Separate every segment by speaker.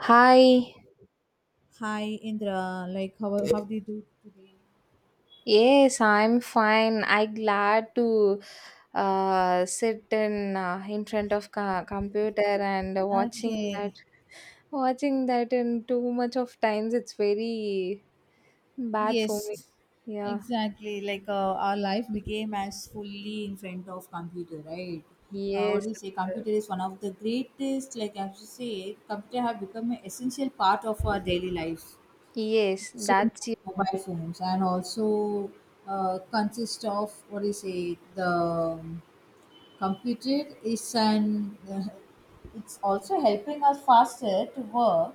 Speaker 1: Hi.
Speaker 2: Hi Indra, like how do you do today?
Speaker 1: Yes, I'm fine. I glad to sit in front of computer and watching that
Speaker 2: Okay.
Speaker 1: watching that in too much of times it's very bad for me.
Speaker 2: Yes.
Speaker 1: Yeah.
Speaker 2: Exactly. Like our life became as fully in front of computer, right? What
Speaker 1: Yes,
Speaker 2: do you
Speaker 1: of
Speaker 2: say? Computer
Speaker 1: course.
Speaker 2: is one of the greatest. Like as you say, computer have become an essential part of our daily life.
Speaker 1: Yes,
Speaker 2: Same
Speaker 1: that's.
Speaker 2: like mobile phones and also consist of what do you say the computer is an it's also helping us faster to work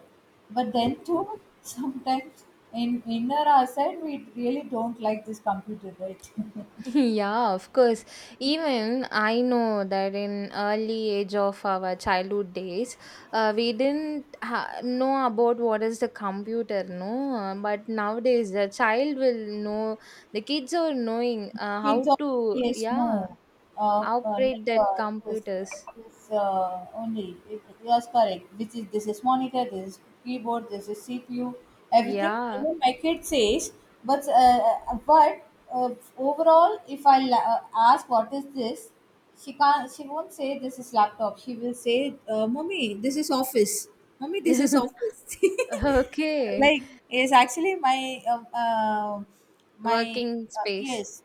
Speaker 2: but then too sometimes in inner our side we really don't like this computer, right?
Speaker 1: Yeah, of course. Even I know that in early age of our childhood days, we didn't know about what is the computer, no. But nowadays, the child will know. The kids are knowing
Speaker 2: Kids,
Speaker 1: how to,
Speaker 2: yes,
Speaker 1: yeah,
Speaker 2: no,
Speaker 1: operate
Speaker 2: like
Speaker 1: that
Speaker 2: this,
Speaker 1: computers.
Speaker 2: this uh, only. It, yes, correct. Which is, this is monitor, this is keyboard, this is CPU, everything.
Speaker 1: Yeah.
Speaker 2: Even my kid says, but uh, overall, if I ask what is this, she can't. She won't say this is laptop. She will say, "Mommy, this is office. Mommy, this is office."
Speaker 1: Okay.
Speaker 2: Like, yes, actually my my
Speaker 1: Working space.
Speaker 2: yes,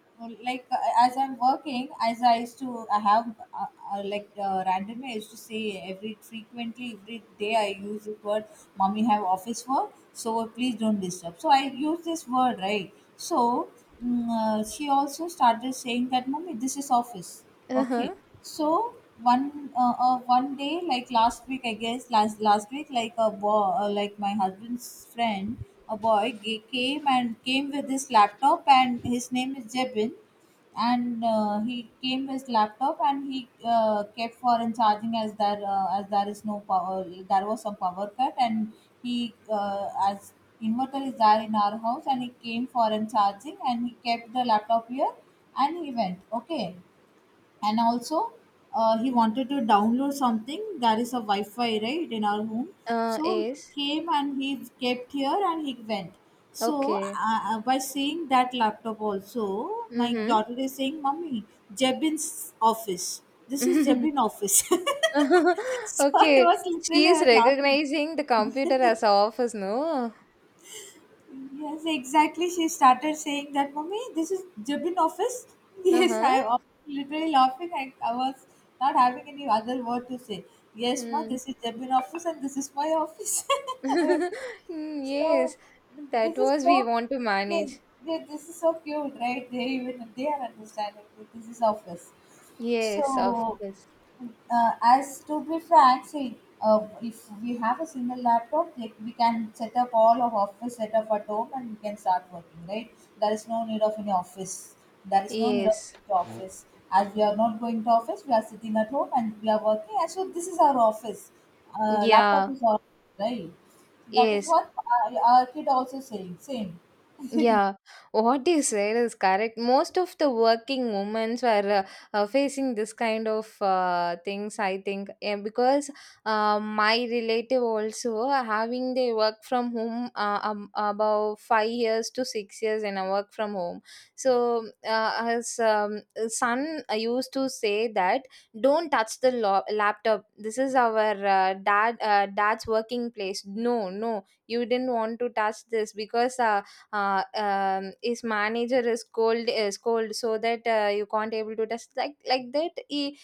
Speaker 2: like as I'm working, as I used to, I have uh, like randomly I used to say, every frequently every day I use this word, mommy have office work, so please don't disturb. So I use this word, right? So she also started saying that, mommy, this is office.
Speaker 1: Uh
Speaker 2: Okay,
Speaker 1: huh.
Speaker 2: so one one day, like last week, I guess, last week, like a boy, like my husband's friend, a boy came and came with his laptop, and his name is Jebin. And he came with his laptop and he kept for in charging, as there is no power, there was some power cut, and he as inverter is there in our house, and he came for in charging and he kept the laptop here and he went. Okay, and also he wanted to download something, there is a wi-fi, right, in our home. So
Speaker 1: Is
Speaker 2: came and he kept here and he went. So
Speaker 1: okay.
Speaker 2: by seeing that laptop also
Speaker 1: Mm
Speaker 2: my
Speaker 1: hmm.
Speaker 2: daughter is saying, "Mummy, Jebin's office, this is Jebin office." So I
Speaker 1: Okay.
Speaker 2: was
Speaker 1: She
Speaker 2: literally,
Speaker 1: is
Speaker 2: I was laughing.
Speaker 1: recognizing the computer as office, no?
Speaker 2: Yes, exactly. She started saying that, Mommy, this is Jabin office. Yes,
Speaker 1: Uh-huh.
Speaker 2: I was literally laughing. I was not having any other word to say. Yes, ma,
Speaker 1: Mm.
Speaker 2: this is Jabin office and this is my office. I was like,
Speaker 1: Mm, yes.
Speaker 2: so
Speaker 1: That
Speaker 2: this is,
Speaker 1: was we
Speaker 2: so
Speaker 1: want to
Speaker 2: yeah,
Speaker 1: manage.
Speaker 2: this is so cute, right? They, even they are understanding that this is office.
Speaker 1: Yes, of
Speaker 2: So
Speaker 1: course.
Speaker 2: as to be frank, see, if we have a single laptop, like we can set up all of office set up at home and we can start working, right? There is no need of any office. There is no need of
Speaker 1: Yes.
Speaker 2: going to office. As we are not going to office, we are sitting at home and we are working. And so this is our office. Laptop
Speaker 1: Yeah.
Speaker 2: is our office, right? That is
Speaker 1: Yes.
Speaker 2: what our kid also saying. Same.
Speaker 1: Yeah, what you said is correct. Most of the working women were facing this kind of things, I think, and because my relative also having they work from home about 5 years to 6 years and I work from home. So his son used to say that don't touch the laptop. This is our dad's working place. No, no, you didn't want to touch this because. His manager is cold so that you can't able to test like that he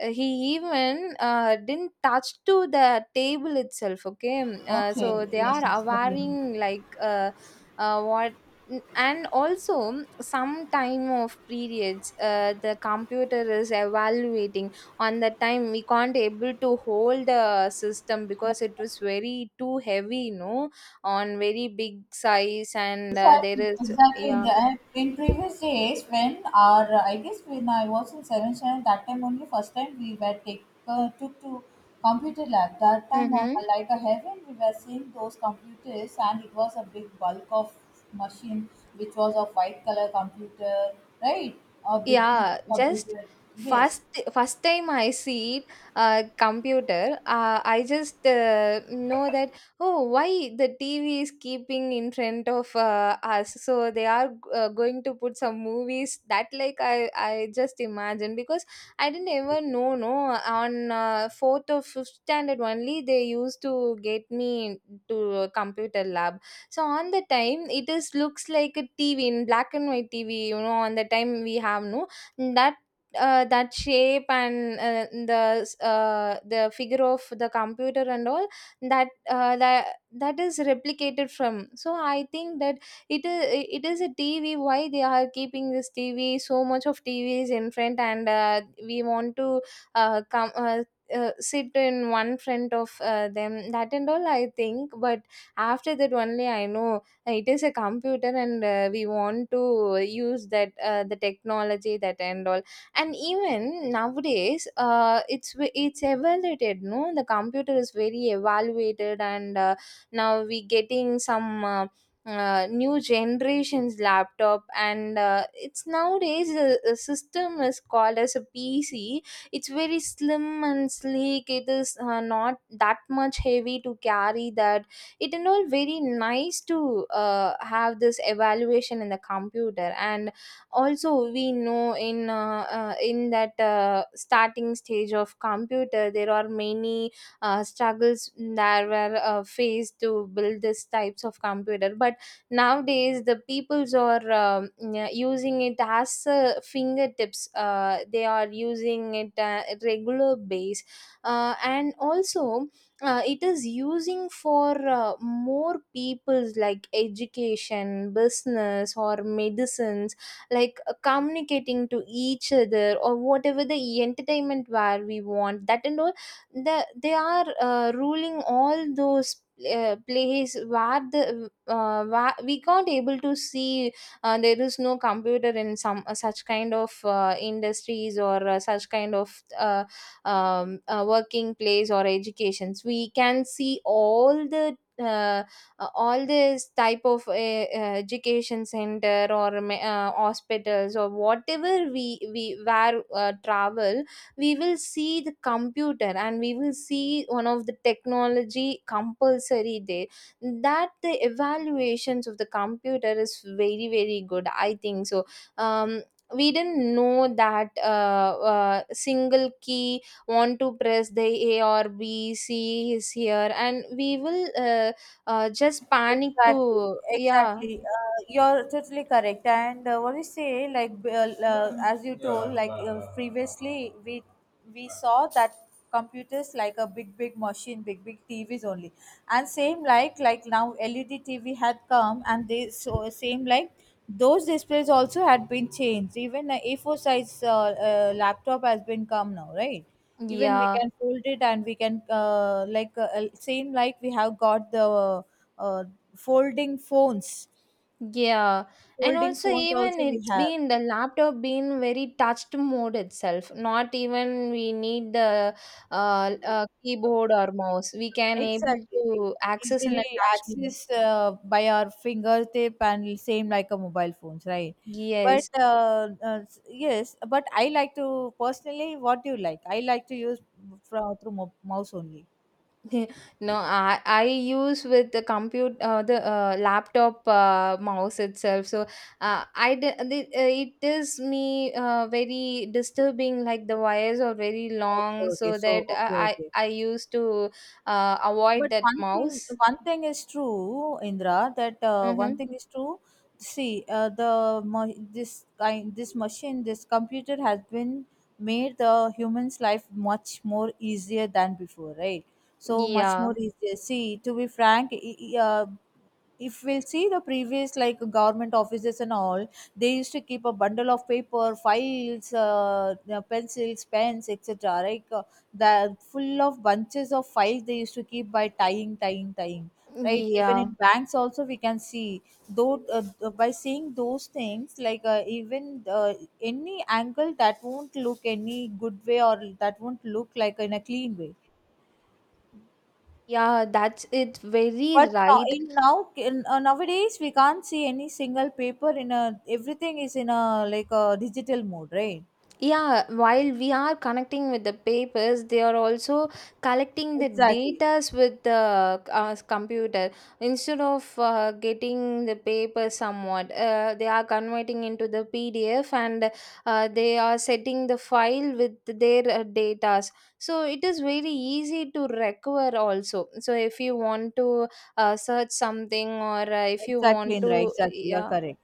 Speaker 1: he even didn't touch to the table itself. Okay.
Speaker 2: Okay,
Speaker 1: So they are
Speaker 2: yes, yes, getting.
Speaker 1: awaring like what and also some time of periods, the computer is evaluating on the time we can't able to hold the system because it was very too heavy, no, on very big size and there
Speaker 2: Exactly,
Speaker 1: is,
Speaker 2: exactly. In,
Speaker 1: yeah.
Speaker 2: the, in previous days, when our, I guess when I was in seventh standard, that time only, first time we were take, took to computer lab. That time of
Speaker 1: Mm-hmm.
Speaker 2: like a heaven, we were seeing those computers, and it was a big bulk of machine, which was a white color computer, right? A big big
Speaker 1: Yeah, just
Speaker 2: computer. Yes.
Speaker 1: first first time I see it, computer, I just know that, oh, why the TV is keeping in front of us, so they are going to put some movies that, like, I just imagine because I didn't ever know, no, on fourth or fifth standard only they used to get me to a computer lab. So on the time it is looks like a TV in black and white TV, you know, on the time we have no that shape and the figure of the computer and all, that that is replicated from, so I think that it is a TV, why they are keeping this TV so much of TVs in front. And we want to come sit in one front of them that and all, I think. But after that only I know it is a computer and we want to use that, the technology, that and all. And even nowadays, it's evaluated. No, the computer is very evaluated, and now we getting some. New generations laptop and it's nowadays a system is called as a PC. It's very slim and sleek. It is not that much heavy to carry that it and all. Very nice to have this evaluation in the computer. And also we know in that starting stage of computer there are many struggles that were faced to build these types of computer. But nowadays the peoples are yeah, using it as fingertips. They are using it regular base. And also it is using for more people's, like education, business or medicines, like communicating to each other or whatever the entertainment where we want, that and all. They are ruling all those place where the where we can't able to see there is no computer in some such kind of industries or such kind of working place or educations. We can see all the all this type of education center or hospitals or whatever we where travel, we will see the computer and we will see one of the technology compulsory there. That the evaluations of the computer is very, very good, I think. So, um, we didn't know that single key want to press, the A or B, C is here, and we will just panic
Speaker 2: Exactly,
Speaker 1: to, yeah,
Speaker 2: exactly. You're totally correct. And what you say, like as you told, like previously we saw that computers like a big big machine, big big TVs only, and same like now LED TV had come, and they so same like those displays also had been changed. Even a A4 size laptop has been come now, right? Even we
Speaker 1: yeah.
Speaker 2: can fold it and we can, like same like we have got the uh, folding phones
Speaker 1: Yeah, and
Speaker 2: folding
Speaker 1: also
Speaker 2: phones
Speaker 1: even
Speaker 2: also we
Speaker 1: it's
Speaker 2: have.
Speaker 1: been the laptop been very touched mode itself. Not even we need the keyboard or mouse. We can able
Speaker 2: Exactly, we
Speaker 1: to access in
Speaker 2: easily
Speaker 1: a touch mode.
Speaker 2: access, by our fingertip, and same like a mobile phones, right? But
Speaker 1: Yes.
Speaker 2: yes, but I like to personally, what do you like, I like to use from through mouse only.
Speaker 1: No, I use with the compute the laptop mouse itself. So it is me very disturbing. Like the wires are very
Speaker 2: Okay,
Speaker 1: long,
Speaker 2: okay,
Speaker 1: so
Speaker 2: so
Speaker 1: that
Speaker 2: okay, okay.
Speaker 1: I used to avoid
Speaker 2: But
Speaker 1: that mouse.
Speaker 2: one thing is true, Indra. That one
Speaker 1: Mm-hmm.
Speaker 2: thing is true. See, the this kind, this machine, this computer has been made the human's life much more easier than before, right? So much
Speaker 1: Yeah,
Speaker 2: more easier. See, to be frank, if we'll see the previous like government offices and all, they used to keep a bundle of paper files, the pencils, pens, etc. Like the full of bunches of files they used to keep by tying, right? Even
Speaker 1: yeah.
Speaker 2: in banks also we can see, though by seeing those things, like even any angle that won't look any good way, or that won't look like in a clean way.
Speaker 1: Yeah, that's it's very
Speaker 2: But now,
Speaker 1: right.
Speaker 2: in now in, nowadays we can't see any single paper in a, everything is in a like a digital mode, right?
Speaker 1: Yeah, while we are connecting with the papers, they are also collecting the
Speaker 2: Exactly,
Speaker 1: datas with the computer. Instead of getting the paper somewhat, they are converting into the PDF and they are setting the file with their datas. So it is very easy to recover also. So if you want to search something or if you
Speaker 2: exactly,
Speaker 1: want
Speaker 2: Indra.
Speaker 1: to,
Speaker 2: Exactly, you're
Speaker 1: yeah,
Speaker 2: correct.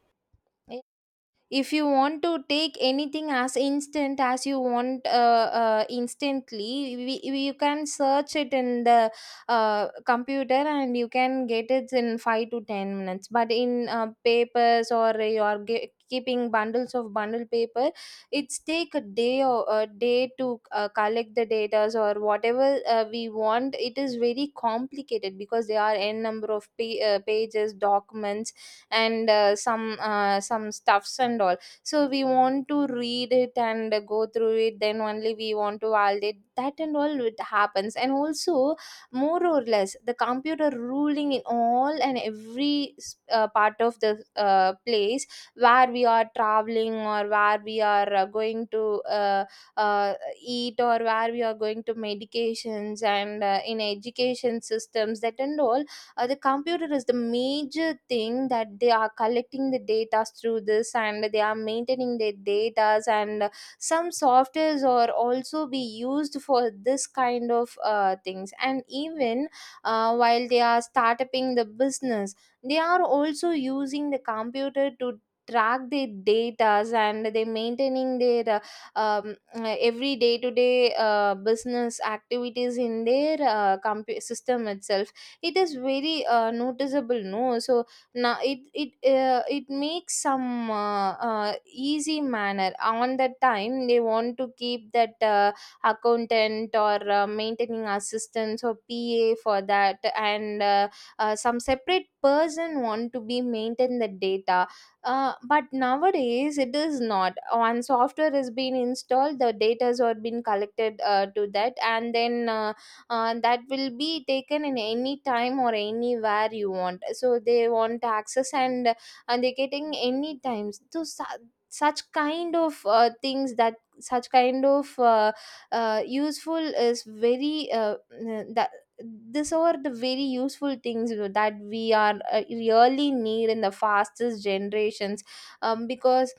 Speaker 1: if you want to take anything as instant as you want, instantly you can search it in the computer and you can get it in 5 to 10 minutes. But in papers, or you are keeping bundles of bundle paper, it's take a day or a day to collect the data or whatever we want. It is very complicated because there are n number of pages, documents and some stuffs and all. So we want to read it and go through it, then only we want to validate that and all it happens. And also more or less the computer ruling in all and every part of the place where we are traveling or where we are going to uh, eat, or where we are going to medications, and in education systems, that and all. The computer is the major thing, that they are collecting the data through this and they are maintaining their data. And some softwares are also be used for this kind of things. And even while they are starting the business, they are also using the computer to track their data and they maintaining their every day to day business activities in their system itself. It is very noticeable, no. So now it makes some easy manner. On that time they want to keep that accountant or maintaining assistants or pa for that. And some separate person want to be maintain the data. But nowadays it is not. One software has been installed, the data has been collected to that, and then that will be taken in any time or anywhere you want, so they want access. And they're getting any times. So such kind of things, that such kind of useful is very that these are the very useful things, you know, that we are really need in the fastest generations. Because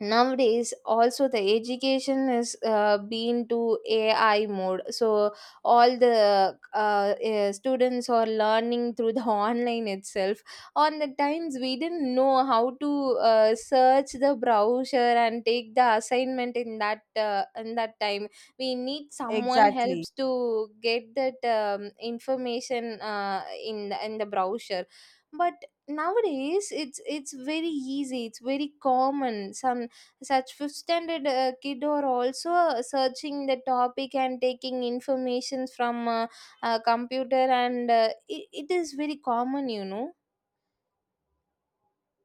Speaker 1: nowadays also the education is been to AI mode. So all the students are learning through the online itself. On the times we didn't know how to search the browser and take the assignment in that time. We need someone
Speaker 2: Exactly.
Speaker 1: helps to get that information in the browser. But nowadays it's very easy, it's very common. Some such fifth standard kid are also searching the topic and taking information from computer. And it is very common, you know.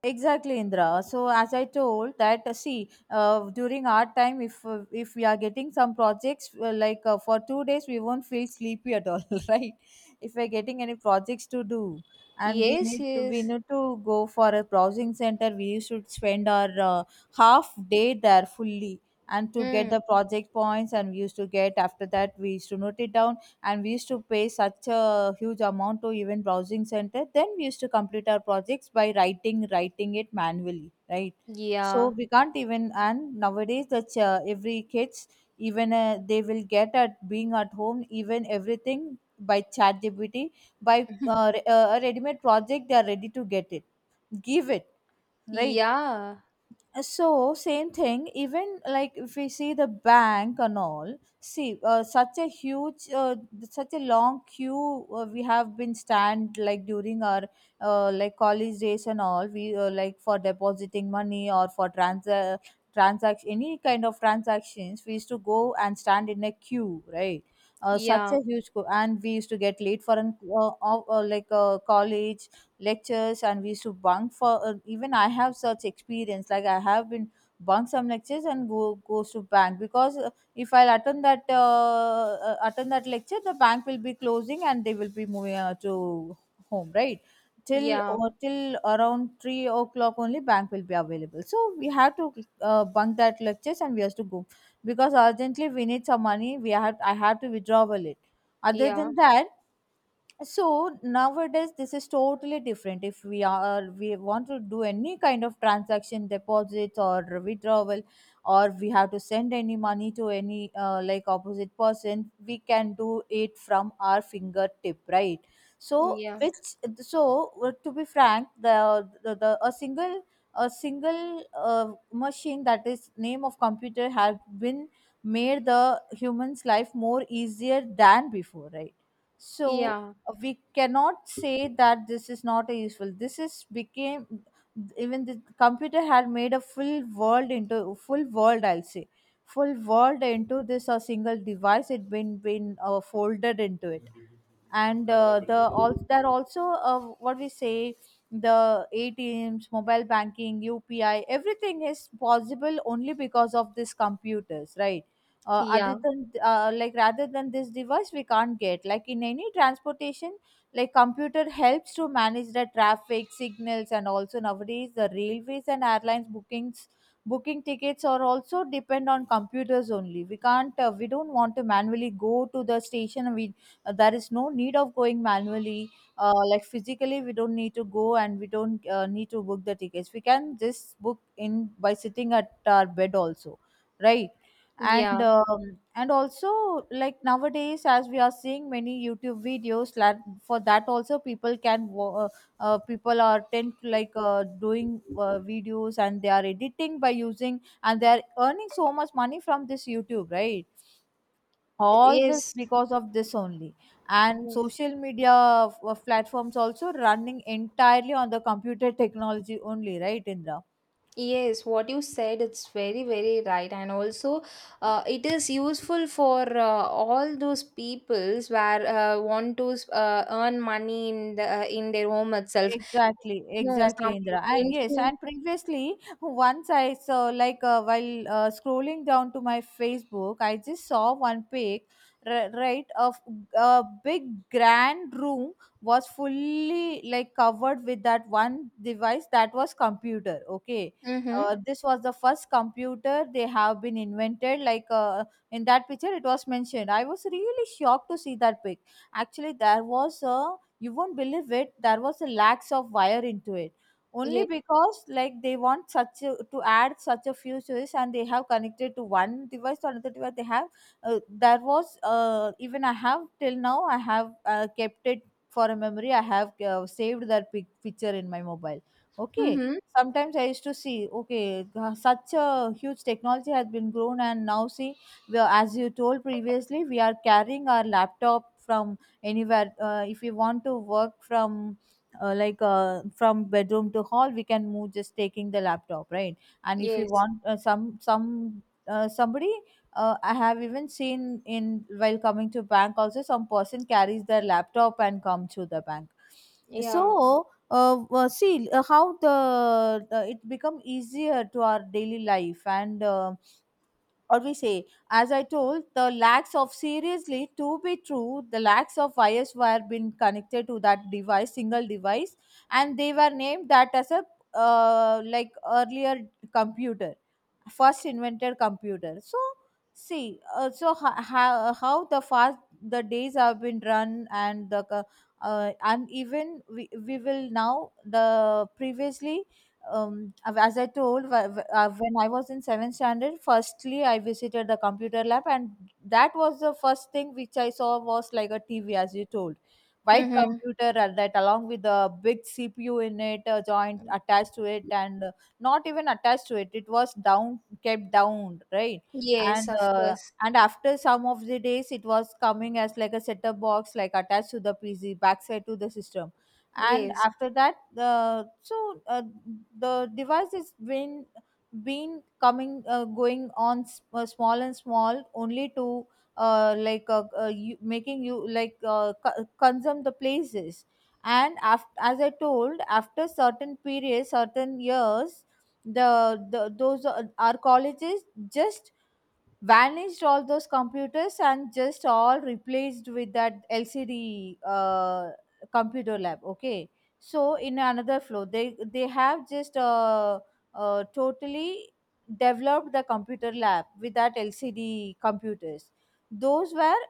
Speaker 2: Exactly, Indra. So as I told that, see, during our time, if we are getting some projects, like for 2 days, we won't feel sleepy at all, right? If we're getting any projects to do, and we
Speaker 1: Yes,
Speaker 2: need to, we
Speaker 1: yes.
Speaker 2: need to go for a browsing center, we should spend our half day there fully, and to get
Speaker 1: Mm.
Speaker 2: the project points, and we used to get after that, we used to note it down, and we used to pay such a huge amount to even browsing center, then we used to complete our projects by writing it manually, right? So
Speaker 1: Yeah.
Speaker 2: we can't even, and nowadays that every kids, even they will get at being at home, even everything by chat gpt, by a ready-made project, they are ready to get it, give it, right?
Speaker 1: Yeah,
Speaker 2: So same thing, even like if we see the bank and all, see, such a huge, such a long queue, we have been stand, like during our like college days and all, we, like for depositing money, or for trans, transaction, any kind of transactions, we used to go and stand in a queue, right? Uh, such
Speaker 1: yeah,
Speaker 2: a huge queue, and we used to get late for an like college lectures, and we used to bunk for, even I have such experience, like I have been bunk some lectures and go goes to bank, because if I'll attend that lecture, the bank will be closing and they will be moving, to home, right? Till,
Speaker 1: yeah,
Speaker 2: or till around 3 o'clock only bank will be available, so we have to bunk that lectures and we have to go, because urgently we need some money, we had, I had to withdraw it. Other
Speaker 1: yeah,
Speaker 2: than that, so nowadays this is totally different. If we are, we want to do any kind of transaction, deposits or withdrawal, or we have to send any money to any, like opposite person, we can do it from our fingertip, right? So
Speaker 1: yeah,
Speaker 2: which, so to be frank, the a single, a single machine that is name of computer have been made the human's life more easier than before, right? So
Speaker 1: yeah,
Speaker 2: we cannot say that this is not a useful, this is became, even the computer had made a full world into full world, I'll say, full world into this a single device, it been folded into it. And the, also there are also what we say, the ATMs, mobile banking, UPI, everything is possible only because of these computers, right? Other
Speaker 1: yeah,
Speaker 2: than like rather than this device, we can't get, like in any transportation, like computer helps to manage the traffic signals, and also nowadays the railways and airlines bookings, booking tickets are also depend on computers only. We can't, we don't want to manually go to the station, we, there is no need of going manually, like physically. We don't need to go and we don't need to book the tickets. We can just book in by sitting at our bed also, right? And
Speaker 1: yeah.
Speaker 2: um, and also like nowadays, as we are seeing many YouTube videos, like for that also people can people are tend to, like doing videos, and they are editing by using, and they are earning so much money from this YouTube, right? All this
Speaker 1: Yes,
Speaker 2: because of this only. And
Speaker 1: yes.
Speaker 2: social media platforms also running entirely on the computer technology only, right Indra?
Speaker 1: Yes, what you said, it's very, very right. And also, it is useful for all those peoples where want to earn money in the in their home itself.
Speaker 2: Exactly,
Speaker 1: No, some
Speaker 2: exactly, Indra. And yes,
Speaker 1: influence.
Speaker 2: and previously, once I saw, like, while scrolling down to my Facebook, I just saw one pic, right, of a big grand room was fully like covered with that one device that was computer. Okay,
Speaker 1: Mm-hmm.
Speaker 2: this was the first computer they have been invented. Like in that picture, it was mentioned. I was really shocked to see that pic. Actually, there was a you won't believe it there was a lax of wire into it only
Speaker 1: Yes.
Speaker 2: because like they want such a, to add such a few switches and they have connected to one device to another device they have there was even I have till now I have kept it for a memory. I have saved that picture in my mobile. Okay,
Speaker 1: Mm-hmm.
Speaker 2: sometimes I used to see okay such a huge technology has been grown and now see we are, as you told previously we are carrying our laptop from anywhere if we want to work from from bedroom to hall we can move just taking the laptop, right? And if we
Speaker 1: Yes.
Speaker 2: want some somebody I have even seen in while coming to bank also some person carries their laptop and come to the bank.
Speaker 1: Yeah.
Speaker 2: So see how the it become easier to our daily life and or we say, as I told, the lacks of seriously to be true, the lacks of wires were been connected to that device, single device, and they were named that as a like earlier computer, first invented computer. So see, so how, how the fast the days have been run and the and even we will now the previously as I told when I was in 7th standard firstly I visited the computer lab, and that was the first thing which I saw was like a TV, as you told, white
Speaker 1: Mm-hmm.
Speaker 2: computer, and that along with the big CPU in it joint attached to it, and not even attached to it, it was down, get down, right?
Speaker 1: Yes,
Speaker 2: And
Speaker 1: of course.
Speaker 2: and after some of the days it was coming as like a setup box like attached to the PC backside to the system. And
Speaker 1: Yes.
Speaker 2: after that the so the device is been coming going on small and small only to you, making you like consume the places. And after, as I told, after certain periods, certain years, the those our colleges just vanished all those computers and just all replaced with that LCD computer lab. Okay, so in another floor they have just totally developed the computer lab with that LCD computers. Those were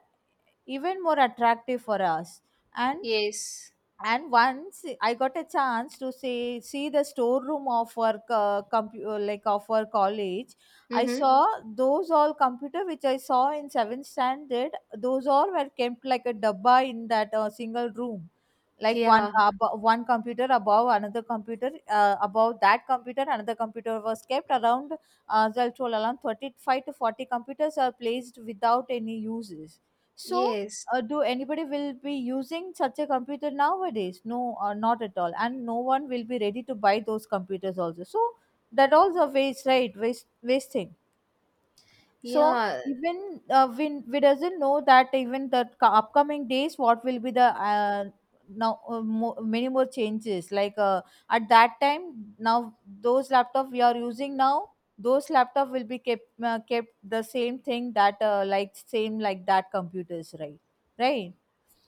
Speaker 2: even more attractive for us. and
Speaker 1: Yes.
Speaker 2: and once I got a chance to see the storeroom of our like of our college. I
Speaker 1: Mm-hmm.
Speaker 2: saw those all computer which I saw in seventh standard, those all were kept like a dabba in that single room, like
Speaker 1: Yeah.
Speaker 2: one computer above another computer above that computer another computer was kept around. Well, told around 35 to 40 computers are placed without any uses. So
Speaker 1: Yes.
Speaker 2: do anybody will be using such a computer nowadays? No, not at all, and no one will be ready to buy those computers also. So that also waste, right? Waste wasting. So
Speaker 1: Yeah.
Speaker 2: even we doesn't know that even the upcoming days what will be the many more changes like at that time now those laptop we are using now, those laptop will be kept kept the same thing that like same like that computers, right? Right.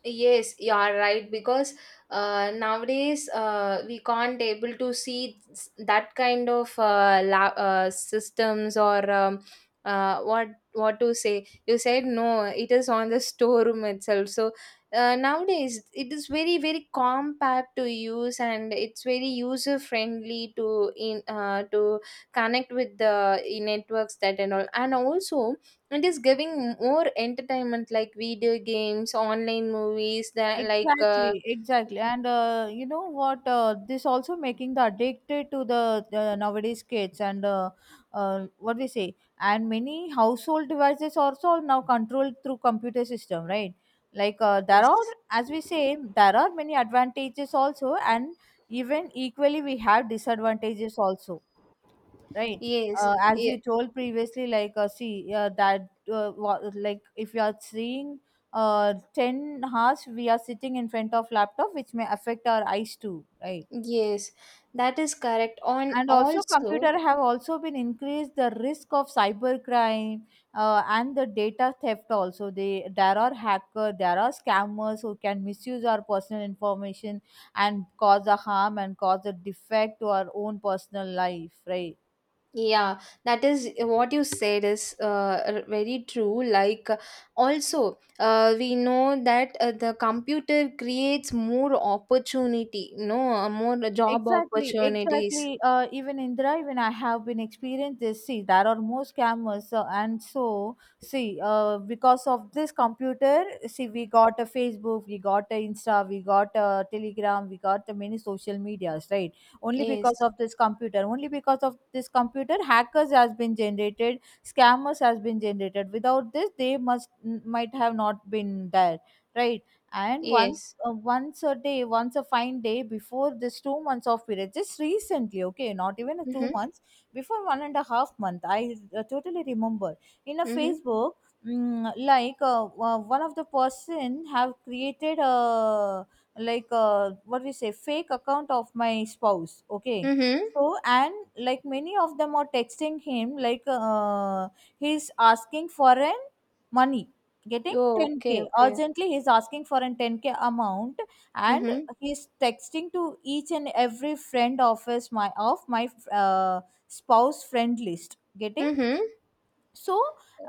Speaker 1: Yes, you are right, because nowadays we can't able to see that kind of systems or uh, what what to say. You said no, it is on the storeroom itself. So nowadays it is very very compact to use, and it's very user friendly to in to connect with the networks that and all, and also it is giving more entertainment like video games, online movies, that like
Speaker 2: Exactly, exactly. And you know what? This also making the addicted to the nowadays kids and what we say. And many household devices also now controlled through computer system, right? Like there are,
Speaker 1: yes,
Speaker 2: as we say, there are many advantages also, and even equally we have disadvantages also, right?
Speaker 1: yes,
Speaker 2: As you
Speaker 1: ye-
Speaker 2: told previously, like see that like if you are seeing 10 hours, we are sitting in front of laptop, which may affect our eyes too, right?
Speaker 1: yes, that is correct on
Speaker 2: And also,
Speaker 1: also.
Speaker 2: computer have also been increased the risk of cybercrime and the data theft. Also, they there are hacker, there are scammers who can misuse our personal information and cause a harm and cause a defect to our own personal life, right?
Speaker 1: Yeah, that is what you said is very true, like. Also, we know that the computer creates more opportunity, no, more job
Speaker 2: Exactly,
Speaker 1: opportunities.
Speaker 2: exactly. Even Indra, even I have been experienced this. See, there are more scammers, and so see, because of this computer, see, we got a Facebook, we got a Insta, we got a Telegram, we got the many social medias, right? Only because
Speaker 1: Yes,
Speaker 2: of this computer, only because of this computer, hackers has been generated, scammers has been generated. Without this, they must might have not been there, right? And once
Speaker 1: yes.
Speaker 2: once a day, once a fine day, before this 2 months of period, just recently, okay, not even a two
Speaker 1: Mm-hmm.
Speaker 2: months before, 1.5 months, I totally remember, in a
Speaker 1: Mm-hmm.
Speaker 2: Facebook, one of the person have created a like what we say fake account of my spouse. Okay,
Speaker 1: Mm-hmm.
Speaker 2: so and like many of them are texting him like he's asking for an money. Getting?
Speaker 1: Oh,
Speaker 2: 10k
Speaker 1: okay, okay.
Speaker 2: urgently, he's asking for an 10k amount. And
Speaker 1: Mm-hmm.
Speaker 2: he's texting to each and every friend of his, my of my spouse friend list. Getting?
Speaker 1: Mhm.
Speaker 2: So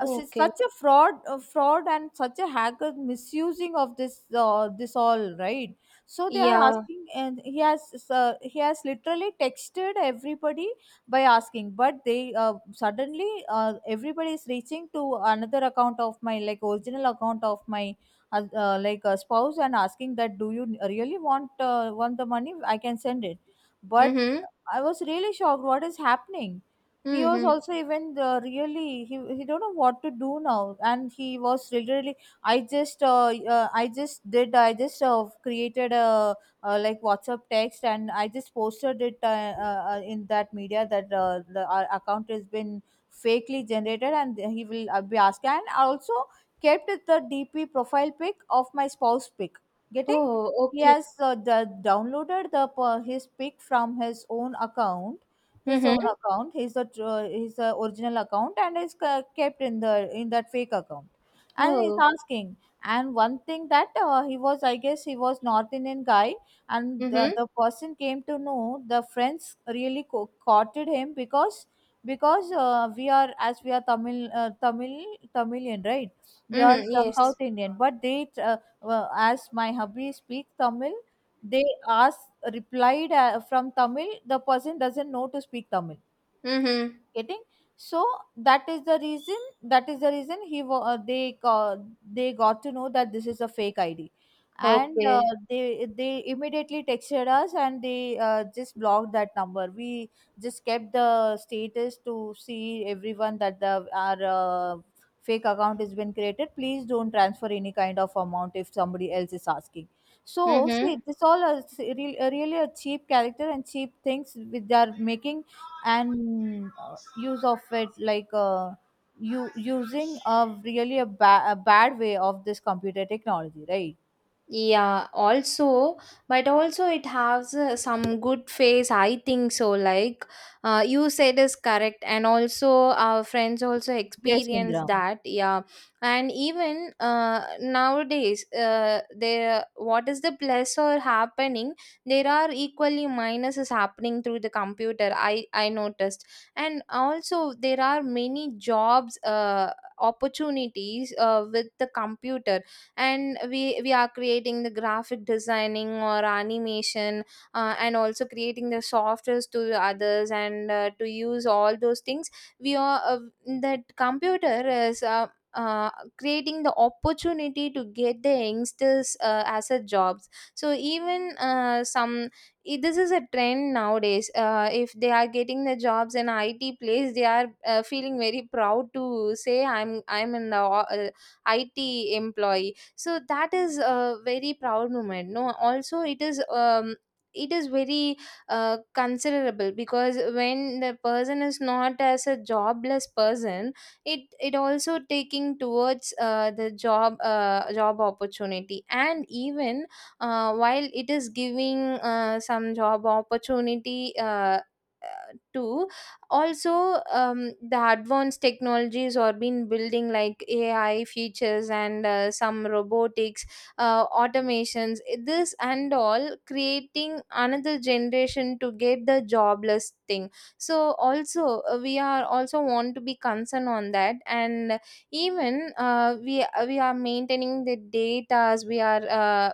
Speaker 2: such a fraud fraud and such a hacker misusing of this this all, right? So they are
Speaker 1: Yeah.
Speaker 2: asking and he has literally texted everybody by asking, but they suddenly everybody is reaching to another account of my, like original account of my like spouse and asking that do you really want the money, I can send it, but
Speaker 1: Mhm.
Speaker 2: I was really shocked. What is happening? He was
Speaker 1: Mhm.
Speaker 2: also even really he don't know what to do now, and he was literally. I just uh, I just did, I just created a, like WhatsApp text, and I just posted it in that media that the our account has been fakely generated and he will be asked. And I also kept the DP, profile pic of my spouse pic. Getting?
Speaker 1: Oh,
Speaker 2: He
Speaker 1: okay.
Speaker 2: has downloaded the his pic from his own account, his
Speaker 1: Mhm.
Speaker 2: own account, his his original account, and is kept in the in that fake account. And he's
Speaker 1: Oh.
Speaker 2: asking. And one thing that he was, I guess, he was North Indian guy, and the,
Speaker 1: Mhm.
Speaker 2: the person came to know the friends really courted him because we are, as we are Tamil Tamil Tamilian, right? We are
Speaker 1: Mhm.
Speaker 2: from South
Speaker 1: Yes.
Speaker 2: Indian, but they well, as my hubby speak Tamil, they ask replied from Tamil. The person doesn't know to speak Tamil.
Speaker 1: Mhm.
Speaker 2: Getting? So that is the reason, that is the reason he they they got to know that this is a fake ID. And
Speaker 1: Okay.
Speaker 2: they immediately texted us and they just blocked that number. We just kept the status to see everyone that the our fake account has been created, please don't transfer any kind of amount if somebody else is asking. So see
Speaker 1: Mhm.
Speaker 2: this all is really, really a cheap character and cheap things which they are making and use of it, like you using a really a, a bad way of this computer technology, right?
Speaker 1: Yeah, also, but also it has some good face, I think so. Like, you said is correct, and also our friends also
Speaker 2: Yes,
Speaker 1: experience
Speaker 2: Indra.
Speaker 1: that. Yeah, and even nowadays, there what is the plus or happening? There are equally minuses happening through the computer. I noticed, and also there are many jobs opportunities with the computer, and we are creating the graphic designing or animation, and also creating the softwares to the others, and to use all those things we are that computer is uh, creating the opportunity to get the youngsters as a jobs. So even this is a trend nowadays. If they are getting the jobs in IT place, they are feeling very proud to say I'm an IT employee. So that is a very proud moment, no. Also, it is very considerable, because when the person is not as a jobless person, it also taking towards the job opportunity. And even while it is giving some job opportunity too, also, the advanced technologies are being building, like AI features, and some robotics, automations, this and all, creating another generation to get the jobless thing. So also, we are also want to be concerned on that. And even we are maintaining the data, we are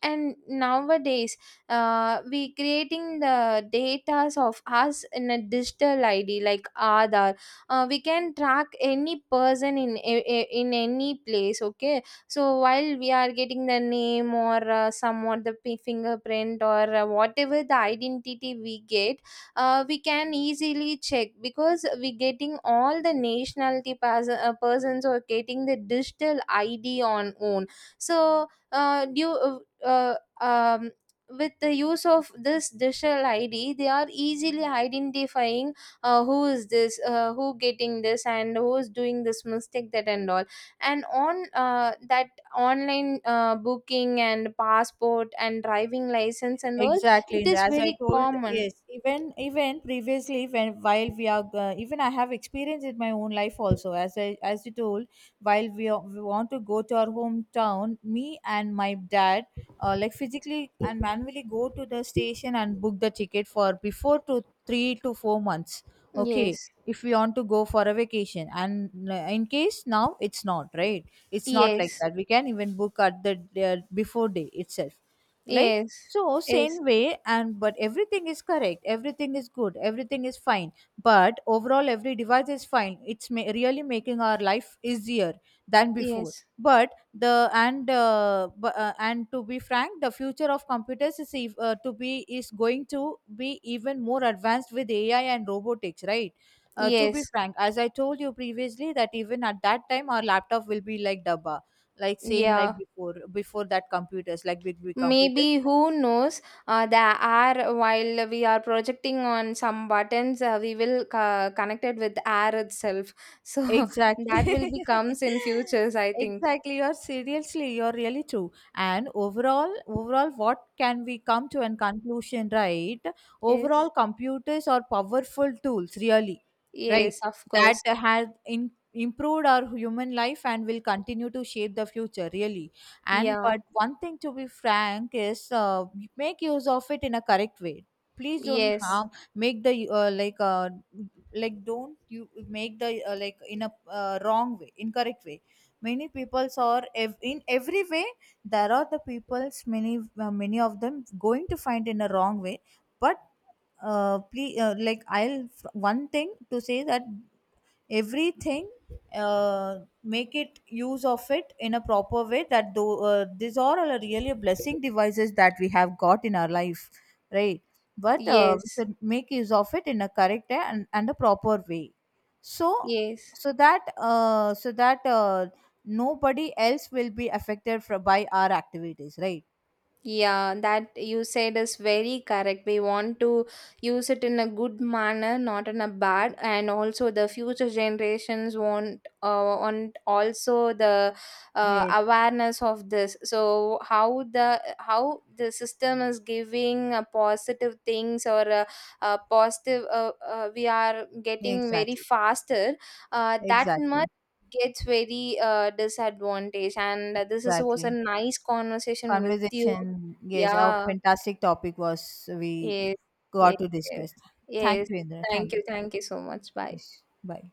Speaker 1: and nowadays we creating the datas of us in a digital ID like Aadhaar. We can track any person in any place, okay. So while we are getting the name, or some or the fingerprint, or whatever the identity we get, we can easily check, because we getting all the nationality persons or getting the digital ID on own. So uh, um, with the use of this digital ID, they are easily identifying who is this, who getting this and who is doing this mistake, that and all, and on that online booking and passport and driving license and all,
Speaker 2: Exactly,
Speaker 1: it
Speaker 2: Indra.
Speaker 1: is
Speaker 2: As I
Speaker 1: very
Speaker 2: told,
Speaker 1: common.
Speaker 2: yes, even even previously, when while we are even I have experienced in my own life also. As I, as you told, while we, are, we want to go to our hometown, me and my dad, like physically and manually go to the station and book the ticket for before to 3 to 4 months. Okay,
Speaker 1: Yes,
Speaker 2: if we want to go for a vacation, and in case now it's not right, it's not like
Speaker 1: yes.
Speaker 2: that. We can even book at the before day itself, like
Speaker 1: Yes,
Speaker 2: so
Speaker 1: yes.
Speaker 2: same way. And but everything is correct, everything is good, everything is fine, but overall every device is fine, it's really making our life easier than before.
Speaker 1: Yes,
Speaker 2: But the and and to be frank, the future of computers is to be is going to be even more advanced with AI and robotics, right? To be
Speaker 1: yes.
Speaker 2: frank, as I told you previously, that even at that time our laptop will be like dabba, like same like
Speaker 1: Yeah.
Speaker 2: before, before that computers, like big big computers.
Speaker 1: Maybe, who knows. The air while we are projecting on some buttons, we will connect it with air itself. So
Speaker 2: Exactly.
Speaker 1: that will be comes in futures, I think.
Speaker 2: Exactly. You're seriously, you're really true. And overall, overall, what can we come to an conclusion, right?
Speaker 1: Yes.
Speaker 2: Overall, computers are powerful tools, really, right?
Speaker 1: Yes, of
Speaker 2: That
Speaker 1: course.
Speaker 2: has in, improved our human life and will continue to shape the future, really. And
Speaker 1: Yeah.
Speaker 2: but one thing to be frank is make use of it in a correct way. Please don't
Speaker 1: Yes.
Speaker 2: harm. Make the like don't you make the like in a wrong way, incorrect way. Many peoples are in every way there are the peoples, many many of them going to find in a wrong way, but please one thing to say, that everything make it use of it in a proper way, that though these are all really a blessing devices that we have got in our life, right? But we
Speaker 1: Yes.
Speaker 2: should make use of it in a correct and a proper way. So
Speaker 1: Yes.
Speaker 2: so that nobody else will be affected from, by our activities, right?
Speaker 1: Yeah, that you said is very correct. We want to use it in a good manner, not in a bad. And also, the future generations want also the
Speaker 2: Yes,
Speaker 1: awareness of this. So how the system is giving positive things, or positive, we are getting very
Speaker 2: exactly,
Speaker 1: faster. That much
Speaker 2: exactly,
Speaker 1: gets very disadvantage. And this was a
Speaker 2: exactly
Speaker 1: nice conversation with you.
Speaker 2: conversation. Yes, a
Speaker 1: Yeah.
Speaker 2: fantastic topic was we
Speaker 1: Yes. Yes.
Speaker 2: got to
Speaker 1: Yes.
Speaker 2: discuss. Thank
Speaker 1: Yes.
Speaker 2: you, Indra.
Speaker 1: Thank
Speaker 2: Thank
Speaker 1: you.
Speaker 2: you. Thank
Speaker 1: Thank you so much.
Speaker 2: you.
Speaker 1: Bye.
Speaker 2: Yes. Bye.